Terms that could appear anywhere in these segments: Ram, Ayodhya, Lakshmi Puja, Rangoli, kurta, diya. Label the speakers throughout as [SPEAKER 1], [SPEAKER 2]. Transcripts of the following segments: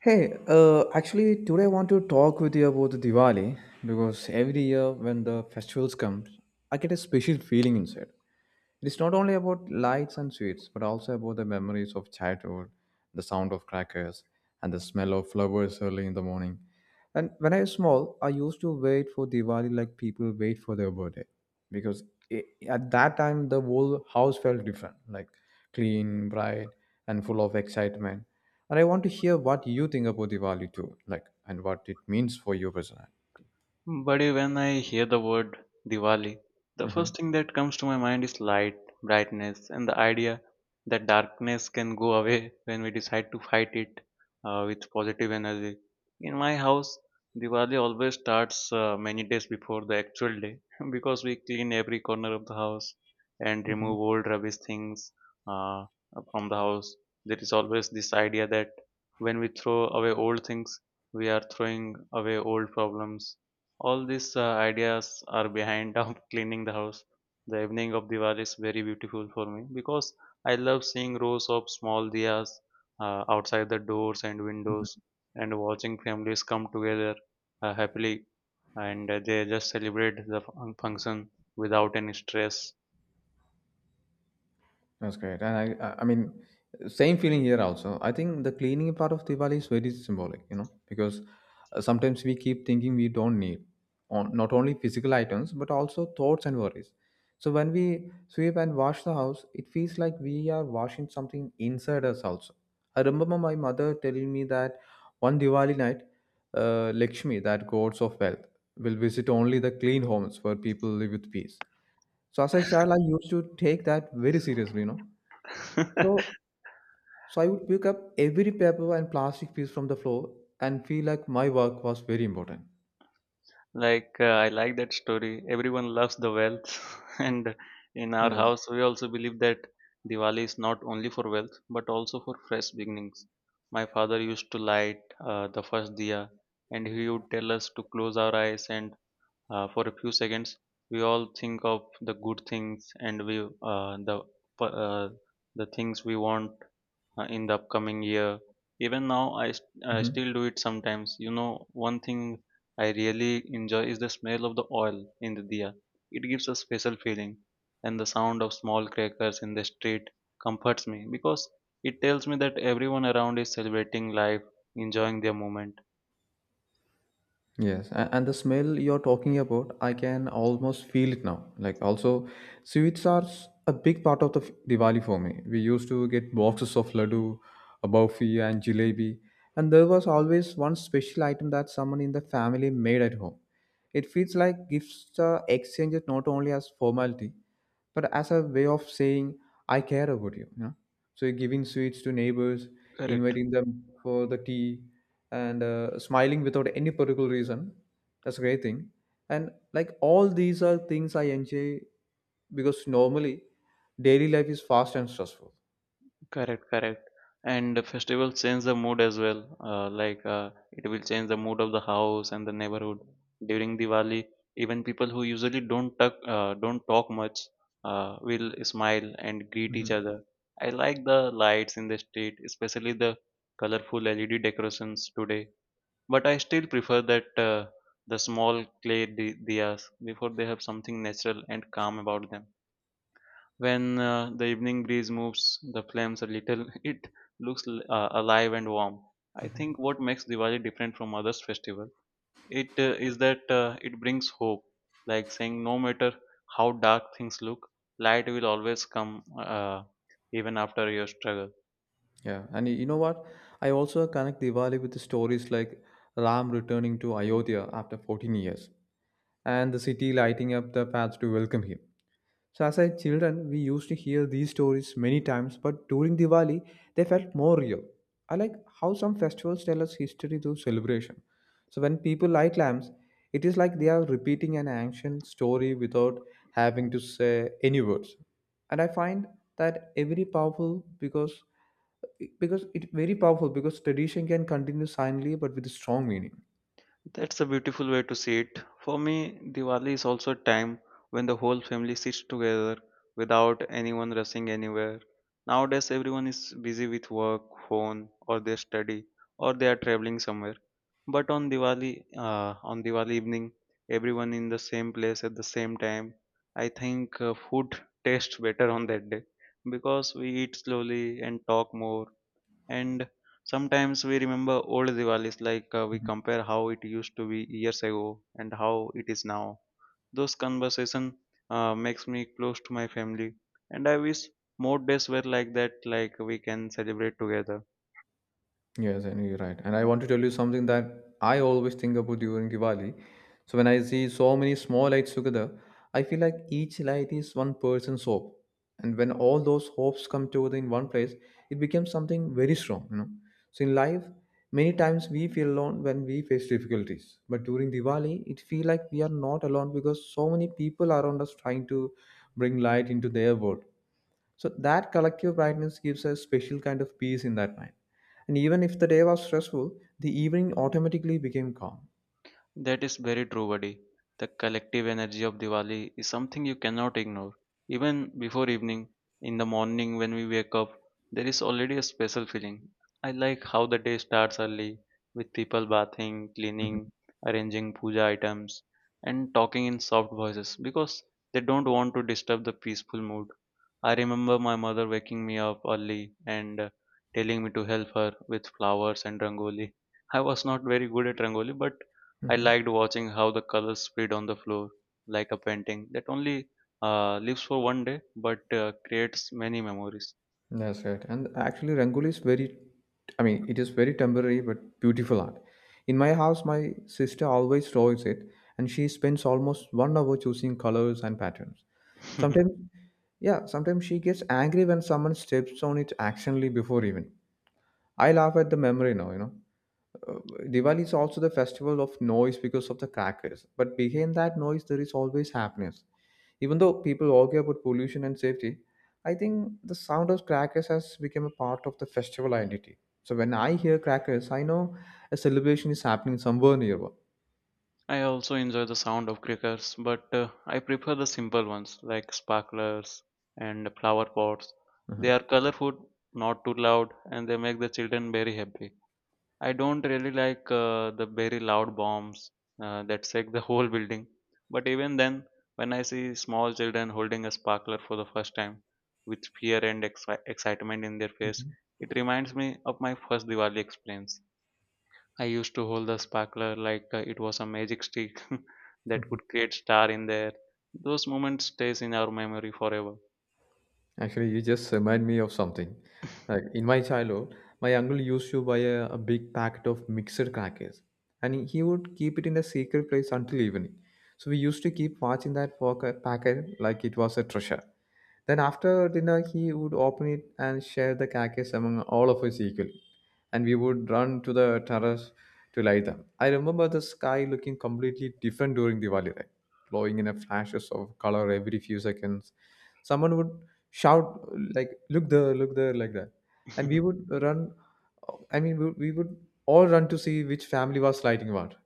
[SPEAKER 1] Hey, actually, today I want to talk with you about the Diwali because every year when the festivals come, I get a special feeling inside. It's not only about lights and sweets, but also about the memories of childhood, the sound of crackers, and the smell of flowers early in the morning. And when I was small, I used to wait for Diwali like people wait for their birthday, because I at that time the whole house felt different, like clean, bright, and full of excitement. And I want to hear what you think about Diwali too, like and what it means for you personally.
[SPEAKER 2] Buddy, when I hear the word Diwali, the
[SPEAKER 1] Mm-hmm.
[SPEAKER 2] first thing that comes to my mind is light, brightness, and the idea that darkness can go away when we decide to fight it with positive energy. In my house, Diwali always starts many days before the actual day because we clean every corner of the house and
[SPEAKER 1] Mm-hmm.
[SPEAKER 2] remove old rubbish things uh, from the house. There is always this idea that when we throw away old things, we are throwing away old problems. All these ideas are behind of cleaning the house. The evening of Diwali is very beautiful for me because I love seeing rows of small diyas outside the doors and windows, and watching families come together happily, and they just celebrate the function without any stress.
[SPEAKER 1] That's great. And I mean, same feeling here also. I think the cleaning part of Diwali is very symbolic, because sometimes we keep thinking we don't need on not only physical items but also thoughts and worries. So when we sweep and wash the house, it feels like we are washing something inside us also. I remember my mother telling me that one Diwali night, Lakshmi, that gods of wealth, will visit only the clean homes where people live with peace. So as a child, I used to take that very seriously, so, so I would pick up every paper and plastic piece from the floor and feel like my work was very important.
[SPEAKER 2] I like that story. Everyone loves the wealth, and in our
[SPEAKER 1] Yes.
[SPEAKER 2] house we also believe that Diwali is not only for wealth but also for fresh beginnings. My father used to light the first diya, and he would tell us to close our eyes and, for a few seconds, we all think of the good things, and we uh, the things we want in the upcoming year. Even now, I
[SPEAKER 1] Mhm.
[SPEAKER 2] still do it sometimes. You know, one thing I really enjoy is the smell of the oil in the diya. It gives a special feeling, and the sound of small crackers in the street comforts me because it tells me that everyone around is celebrating life, enjoying their moment.
[SPEAKER 1] Yes, and the smell you're talking about, I can almost feel it now. Like also, sweets are a big part of the Diwali for me. We used to get boxes of laddu, a barfi, and jalebi, and there was always one special item that someone in the family made at home. It feels like gifts are exchanged not only as formality, but as a way of saying I care about you. You know? So you're giving sweets to neighbors,
[SPEAKER 2] Correct.
[SPEAKER 1] inviting them for the tea, and smiling without any particular reason. That's a great thing. And like all these are things I enjoy because normally daily life is fast and stressful.
[SPEAKER 2] Correct, correct. And the festival change the mood as well. It will change the mood of the house and the neighborhood. During Diwali, even people who usually don't talk much, will smile and greet each
[SPEAKER 1] Hmm.
[SPEAKER 2] other. I like the lights in the street, especially the colorful LED decorations today. But I still prefer that the small clay diyas, before. They have something natural and calm about them. When the evening breeze moves the flames a little, it looks alive and warm. I
[SPEAKER 1] Hmm.
[SPEAKER 2] think what makes Diwali different from others festival, it is that it brings hope, like saying no matter how dark things look, light will always come, even after your struggle.
[SPEAKER 1] Yeah, and you know what? I also connect Diwali with the stories like Ram returning to Ayodhya after 14 years and the city lighting up the paths to welcome him. So, as a children, we used to hear these stories many times, but during Diwali, they felt more real. I like how some festivals tell us history through celebration. So, when people light lamps, it is like they are repeating an ancient story without having to say any words. And I find that a very powerful because tradition can continue silently but with a strong meaning.
[SPEAKER 2] That's a beautiful way to see it. For me, Diwali is also a time when the whole family sits together without anyone rushing anywhere. Nowadays, everyone is busy with work, phone, or their study, or they are traveling somewhere. But on Diwali, on Diwali evening, everyone in the same place at the same time. I think food tastes better on that day because we eat slowly and talk more, and sometimes we remember old Diwalis, like, we compare how it used to be years ago and how it is now. Those conversation makes me close to my family, and I wish more days were like that, like we can celebrate together.
[SPEAKER 1] Yes, I know you're right. And I want to tell you something that I always think about during Diwali. So when I see so many small lights together, I feel like each light is one person's hope. And when all those hopes come together in one place, it becomes something very strong. So in life, many times we feel alone when we face difficulties. But during Diwali, it feels like we are not alone because so many people around us trying to bring light into their world. So that collective brightness gives a special kind of peace in that night. And even if the day was stressful, the evening automatically became calm.
[SPEAKER 2] That is very true, buddy. The collective energy of Diwali is something you cannot ignore. Even before evening, in the morning when we wake up, there is already a special feeling. I like how the day starts early with people bathing,
[SPEAKER 1] Mhm.
[SPEAKER 2] cleaning, arranging puja items, and talking in soft voices because they don't want to disturb the peaceful mood. I remember my mother waking me up early and, telling me to help her with flowers and rangoli. I was not very good at rangoli, but I
[SPEAKER 1] Mhm.
[SPEAKER 2] liked watching how the colors spread on the floor like a painting that only lives for one day but creates many memories.
[SPEAKER 1] That's right. And actually, Rangoli is very, I mean, it is very temporary but beautiful art. In my house, my sister always draws it, and she spends almost one hour choosing colors and patterns. Sometimes, yeah, sometimes she gets angry when someone steps on it accidentally before even. I laugh at the memory now. Uh, Diwali is also the festival of noise because of the crackers, but behind that noise, there is always happiness. Even though people argue about pollution and safety, I think the sound of crackers has become a part of the festival identity. So when I hear crackers, I know a celebration is happening somewhere nearby.
[SPEAKER 2] I also enjoy the sound of crickets, but I prefer the simple ones like sparklers and flower pots.
[SPEAKER 1] Uh-huh.
[SPEAKER 2] They are colorful, not too loud, and they make the children very happy. I don't really like the very loud bombs that shake the whole building. But even then, when I see small children holding a sparkler for the first time, with fear and excitement in their face,
[SPEAKER 1] Mhm.
[SPEAKER 2] it reminds me of my first Diwali experience. I used to hold the sparkler like it was a magic stick that could create star in the air. Those moments stays in our memory forever.
[SPEAKER 1] Actually, you just remind me of something. Like in my childhood, my uncle used to buy a big packet of mixed crackers, and he would keep it in a secret place until evening. So we used to keep watching that packet like it was a treasure. Then after dinner, he would open it and share the crackers among all of us equally, and we would run to the terrace to light them. I remember the sky looking completely different during Diwali, right? Glowing in a flashes of color every few seconds. Someone would shout like, "Look there, look there," like that, and we would run. I mean, we would all run to see which family was sliding what.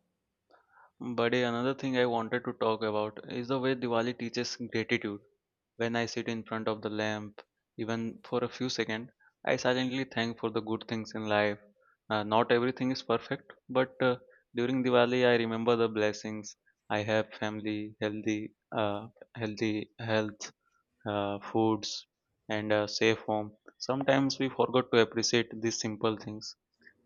[SPEAKER 2] But another thing I wanted to talk about is the way Diwali teaches gratitude. When I sit in front of the lamp, even for a few seconds, I silently thank for the good things in life. Not everything is perfect, but, during Diwali, I remember the blessings. I have family, healthy health, foods, and a safe home. Sometimes we forgot to appreciate these simple things.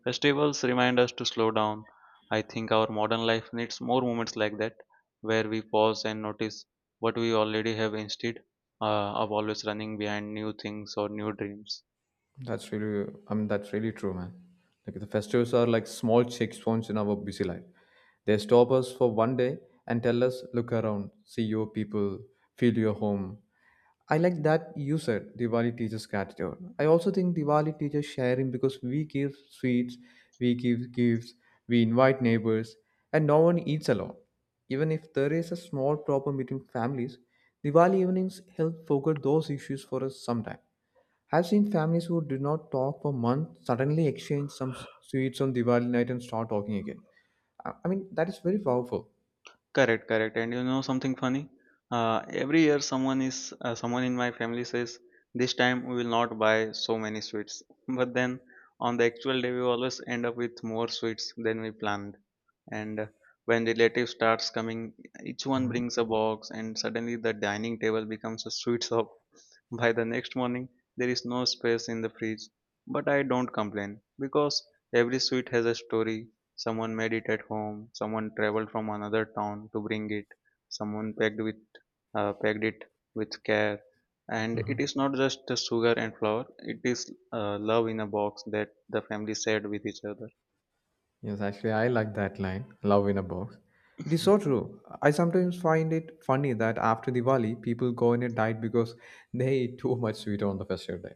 [SPEAKER 2] Festivals remind us to slow down. I think our modern life needs more moments like that, where we pause and notice what we already have instead of always running behind new things or new dreams.
[SPEAKER 1] That's really i mean that's really true, man. Like the festivals are like small checkpoints in our busy life. They stop us for one day and tell us, look around, see your people, feel your home. I like that you said Diwali teaches gratitude. I also think Diwali teaches sharing because we give sweets, we give gifts, we invite neighbors, and no one eats alone. Even if there is a small problem between families, Diwali evenings help forget those issues for us sometime. I've seen families who did not talk for months suddenly exchange some sweets on Diwali night and start talking again. I mean, that is very powerful.
[SPEAKER 2] Correct, correct. And you know something funny? Every year, someone in my family says, "This time we will not buy so many sweets." But then, on the actual day, we always end up with more sweets than we planned. And when relatives starts coming, each one
[SPEAKER 1] Uh-huh.
[SPEAKER 2] brings a box, and suddenly the dining table becomes a sweet shop. By the next morning, there is no space in the fridge. But I don't complain because every sweet has a story. Someone made it at home. Someone traveled from another town to bring it. Someone packed it with care. And it is not just the sugar and flour. It is love in a box that the family shared with each other.
[SPEAKER 1] Yes, actually, I like that line, "love in a box." It is so true. I sometimes find it funny that after Diwali, people go on a diet because they eat too much sweet on the festive day.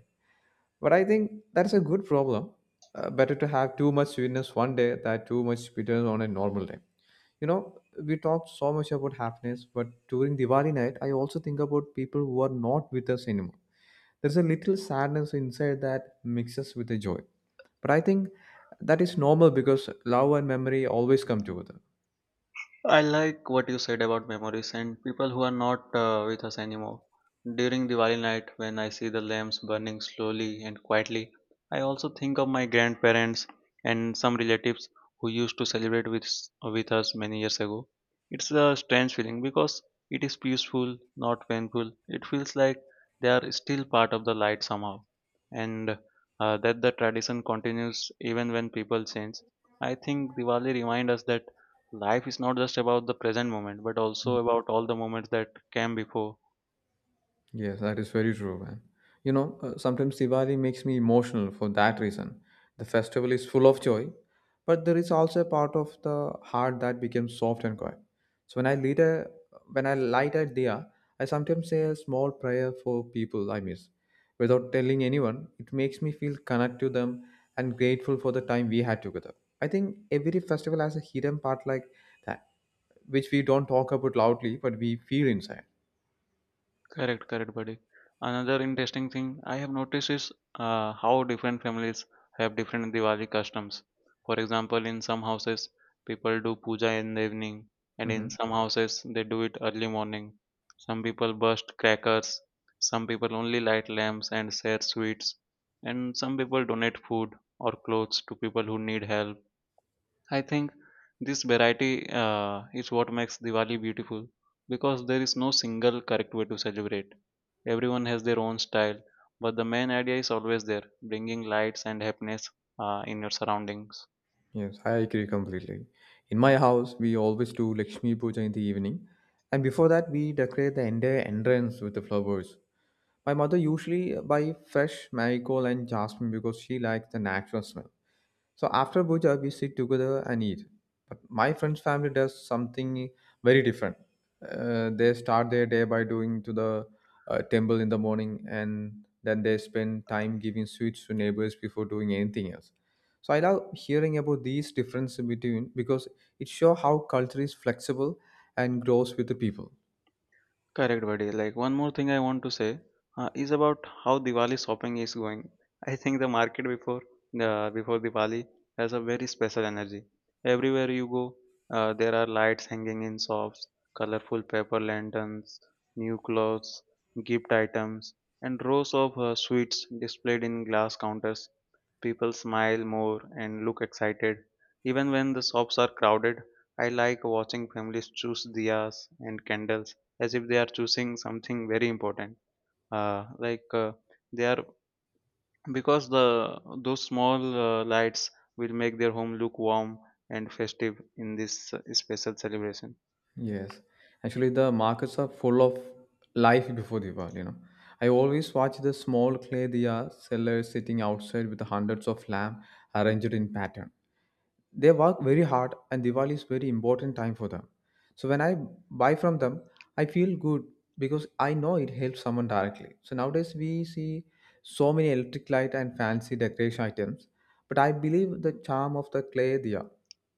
[SPEAKER 1] But I think that's a good problem. Better to have too much sweetness one day than too much sweetness on a normal day. You know, we talk so much about happiness, but during Diwali night, I also think about people who are not with us anymore. There's a little sadness inside that mixes with the joy. But I think that is normal because love and memory always come together.
[SPEAKER 2] I like what you said about memories and people who are not with us anymore. During Diwali night, when I see the lamps burning slowly and quietly, I also think of my grandparents and some relatives who used to celebrate with with us many years ago. It's a strange feeling because it is peaceful, not painful. It feels like they are still part of the light somehow, and that the tradition continues even when people change. I think Diwali reminds us that life is not just about the present moment but also about all the moments that came before.
[SPEAKER 1] Yes, that is very true, man. You know, sometimes Diwali makes me emotional for that reason. The festival is full of joy, but there is also a part of the heart that becomes soft and quiet. So when I light a diya, I sometimes say a small prayer for people I miss. Without telling anyone, it makes me feel connected to them and grateful for the time we had together. I think every festival has a hidden part like that, which we don't talk about loudly, but we feel inside.
[SPEAKER 2] Correct, correct, buddy. Another interesting thing I have noticed is how different families have different Diwali customs. For example, in some houses people do puja in the evening, and in
[SPEAKER 1] Mhm.
[SPEAKER 2] some houses they do it early morning. Some people burst crackers, some people only light lamps and share sweets, and some people donate food or clothes to people who need help. I think this variety is what makes Diwali beautiful, because there is no single correct way to celebrate. Everyone has their own style, but the main idea is always there, bringing lights and happiness in your surroundings.
[SPEAKER 1] Yes, I agree completely. In my house, we always do Lakshmi Puja in the evening, and before that, we decorate the entire entrance with the flowers. My mother usually buy fresh marigold and jasmine because she likes the natural smell. So after puja, we sit together and eat. But my friend's family does something very different. They start their day by doing to the temple in the morning, and then they spend time giving sweets to neighbors before doing anything else. So I love hearing about these differences between because it shows how culture is flexible and grows with the people.
[SPEAKER 2] Correct, buddy. Like, one more thing I want to say is about how Diwali shopping is going. I think the market before Diwali has a very special energy. Everywhere you go, there are lights hanging in shops, colorful paper lanterns, new clothes, gift items, and rows of sweets displayed in glass counters. People smile more and look excited. Even when the shops are crowded, I like watching families choose diyas and candles as if they are choosing something very important, uh, like uh, they are, because the those small lights will make their home look warm and festive in this special celebration.
[SPEAKER 1] Yes, actually, the markets are full of life before Diwali. You know, I always watch the small clay diya sellers sitting outside with hundreds of lamp arranged in pattern. They work very hard, and Diwali is very important time for them. So when I buy from them, I feel good because I know it helps someone directly. So nowadays we see so many electric light and fancy decoration items, but I believe the charm of the clay diya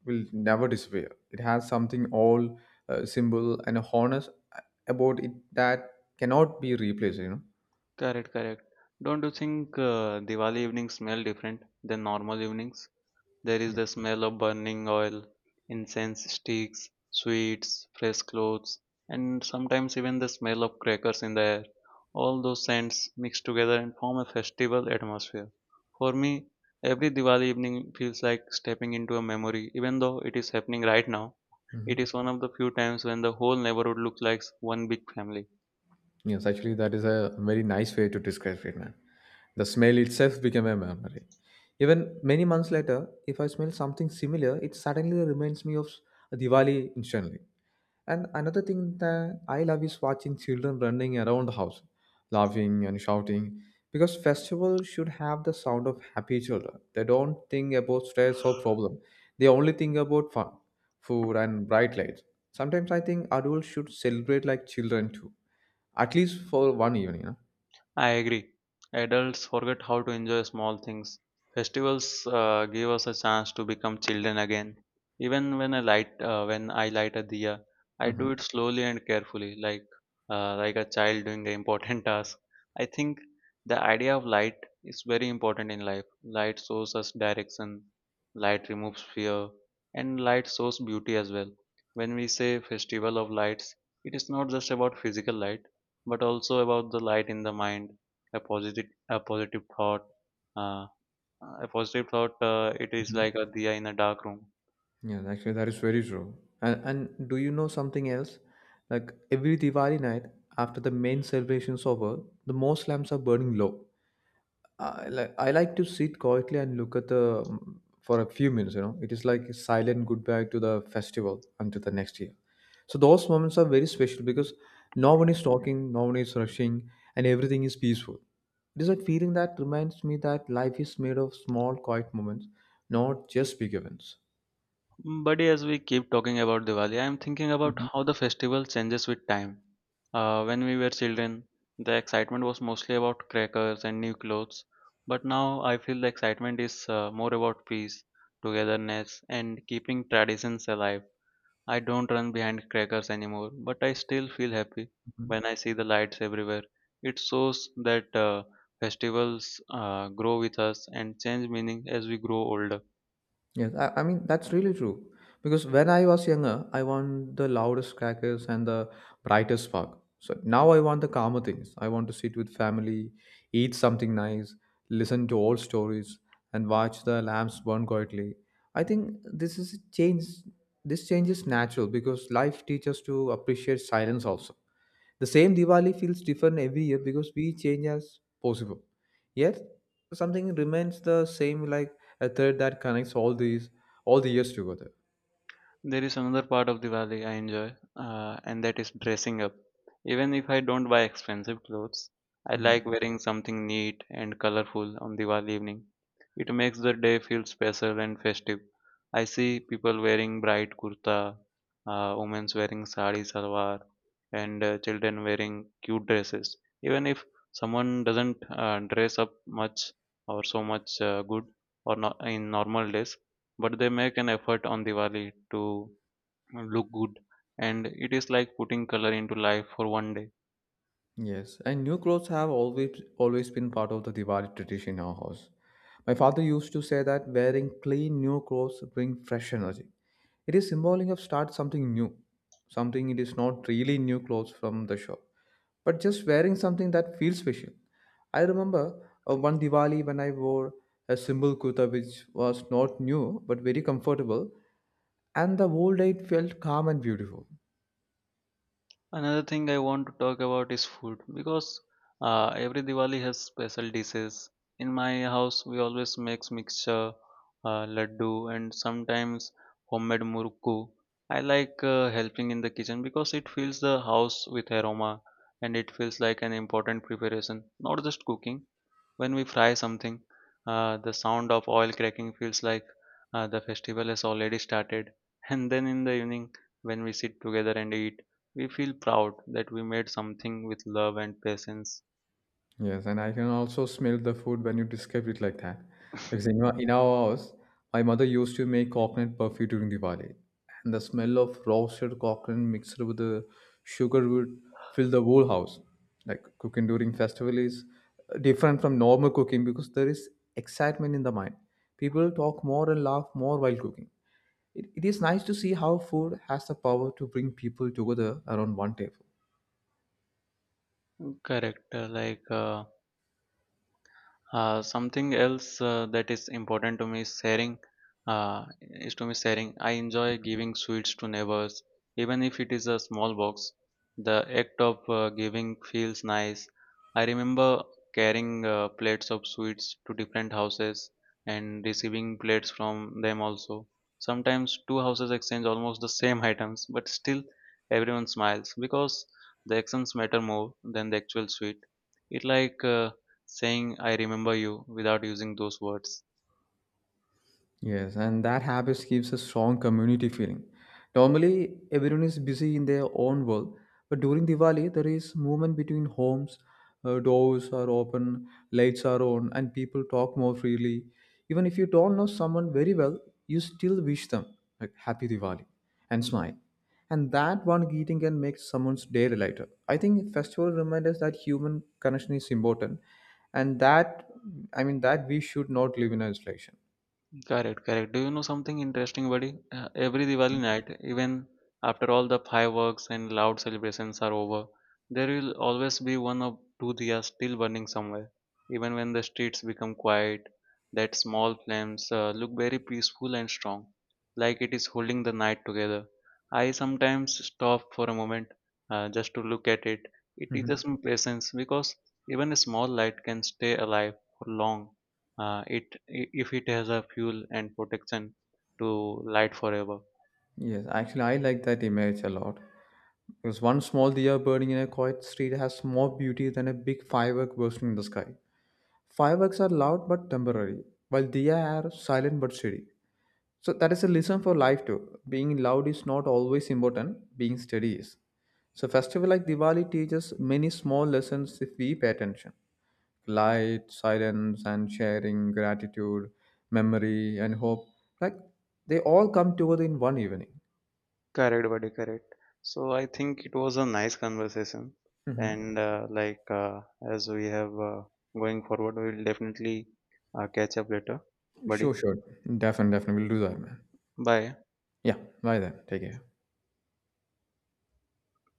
[SPEAKER 1] will never disappear. It has something all simple and honest about it that cannot be replaced.
[SPEAKER 2] Correct, correct. Don't you think Diwali evenings smell different than normal evenings? There is
[SPEAKER 1] Yeah.
[SPEAKER 2] the smell of burning oil, incense sticks, sweets, fresh clothes, and sometimes even the smell of crackers in the air. All those scents mix together and form a festival atmosphere. For me, every Diwali evening feels like stepping into a memory, even though it is happening right now. It
[SPEAKER 1] Mhm.
[SPEAKER 2] is one of the few times when the whole neighborhood looks like one big family.
[SPEAKER 1] Yes, actually, that is a very nice way to describe it, man. The smell itself became a memory. Even many months later, if I smell something similar, it suddenly reminds me of Diwali instantly. And another thing that I love is watching children running around the house, laughing and shouting, because festivals should have the sound of happy children. They don't think about stress or problem. They only think about fun, food, and bright lights. Sometimes I think adults should celebrate like children too, at least for one evening, no?
[SPEAKER 2] I agree. Adults forget how to enjoy small things. Festivals give us a chance to become children again. Even when I light a diya, I do
[SPEAKER 1] Mhm.
[SPEAKER 2] it slowly and carefully, like, like a child doing an important task. I think the idea of light is very important in life. Light shows us direction, light removes fear, and light shows beauty as well. When we say festival of lights, it is not just about physical light but also about the light in the mind. A positive a positive thought uh, a positive thought, it is
[SPEAKER 1] Mhm.
[SPEAKER 2] like a diya in a dark room.
[SPEAKER 1] Yeah, actually, that is very true. And do you know something else? Like every Diwali night, after the main celebration's over, the most lamps are burning low. I like to sit quietly and look at the for a few minutes. You know, it is like a silent goodbye to the festival until the next year. So those moments are very special because no one is talking, no one is rushing, and everything is peaceful. It is that feeling that reminds me that life is made of small, quiet moments, not just big events.
[SPEAKER 2] Buddy, as we keep talking about Diwali, I am thinking about
[SPEAKER 1] Mhm,
[SPEAKER 2] how the festival changes with time. When we were children, the excitement was mostly about crackers and new clothes, but now I feel the excitement is more about peace, togetherness, and keeping traditions alive. I don't run behind crackers anymore, but I still feel happy
[SPEAKER 1] mhm.
[SPEAKER 2] when I see the lights everywhere. It shows that festivals grow with us and change meaning as we grow older.
[SPEAKER 1] Yes, I mean that's really true. Because when I was younger, I want the loudest crackers and the brightest spark. So now I want the calmer things. I want to sit with family, eat something nice, listen to old stories, and watch the lamps burn quietly. I think this is a change. This change is natural because life teaches us to appreciate silence also. The same Diwali feels different every year because we change as possible. Yet. So, something remains the same, like a thread that connects all the years together.
[SPEAKER 2] There is another part of Diwali I enjoy, and that is dressing up. Even if I don't buy expensive clothes, I like
[SPEAKER 1] Hmm.
[SPEAKER 2] wearing something neat and colorful on Diwali evening. It makes the day feel special and festive. I see people wearing bright kurta, women wearing sari salwar, and children wearing cute dresses. Even if someone doesn't dress up much or so much good or not in normal days, but they make an effort on Diwali to look good, and it is like putting color into life for one day.
[SPEAKER 1] Yes, and new clothes have always been part of the Diwali tradition in our house. My father used to say that wearing clean new clothes bring fresh energy. It is symbolic of start something new, something it is not really new clothes from the shop, but just wearing something that feels special. I remember, one Diwali when I wore a simple kurta which was not new but very comfortable, and the whole night felt calm and beautiful.
[SPEAKER 2] Another thing I want to talk about is food, because every Diwali has special dishes. In my house, we always make mixture, laddu, and sometimes homemade murukku. I like helping in the kitchen because it fills the house with aroma, and it feels like an important preparation, not just cooking. When we fry something, the sound of oil cracking feels like the festival has already started. And then in the evening, when we sit together and eat, we feel proud that we made something with love and patience.
[SPEAKER 1] Yes, and I can also smell the food when you describe it like that. Because in our, in our house, my mother used to make coconut perfume during Diwali, and the smell of roasted coconut mixed with the sugar would fill the whole house. Like cooking during festival is different from normal cooking because there is excitement in the mind. People talk more and laugh more while cooking. It is nice to see how food has the power to bring people together around one table.
[SPEAKER 2] Correct. Something else that is important to me is sharing. Is to me sharing. I enjoy giving sweets to neighbors, even if it is a small box. The act of giving feels nice. I remember carrying plates of sweets to different houses and receiving plates from them also. Sometimes two houses exchange almost the same items, but still everyone smiles because the actions matter more than the actual sweet. It like, saying I remember you without using those words.
[SPEAKER 1] Yes, and that habit gives a strong community feeling. Normally, everyone is busy in their own world, but during Diwali, there is movement between homes. Doors are open, lights are on, and people talk more freely. Even if you don't know someone very well, you still wish them, like, "Happy Diwali," and smile. And that one greeting can make someone's day lighter. I think festival reminds us that human connection is important, and that I mean that we should not live in isolation.
[SPEAKER 2] Correct, correct. Do you know something interesting, buddy? Every Diwali night, even after all the fireworks and loud celebrations are over, there will always be one or two diyas still burning somewhere. Even when the streets become quiet, that small flames look very peaceful and strong, like it is holding the night together. I sometimes stop for a moment, just to look at it. It
[SPEAKER 1] Mhm.
[SPEAKER 2] teaches me patience because even a small light can stay alive for long, uh, it if it has a fuel and protection to light forever.
[SPEAKER 1] Yes, actually, I like that image a lot. Because one small diya burning in a quiet street has more beauty than a big firework bursting in the sky. Fireworks are loud but temporary, while diya are silent but steady. So that is a lesson for life too. Being loud is not always important, being steady is. So festival like Diwali teaches many small lessons if we pay attention. Light, silence and sharing, gratitude, memory and hope. Like they all come together in one evening.
[SPEAKER 2] Correct, buddy, correct. So I think it was a nice conversation,
[SPEAKER 1] Mhm.
[SPEAKER 2] and as we have, going forward, we will definitely catch up later, buddy.
[SPEAKER 1] Sure, sure. Definitely, definitely. We'll do that, man.
[SPEAKER 2] Bye.
[SPEAKER 1] Yeah. Bye then. Take care.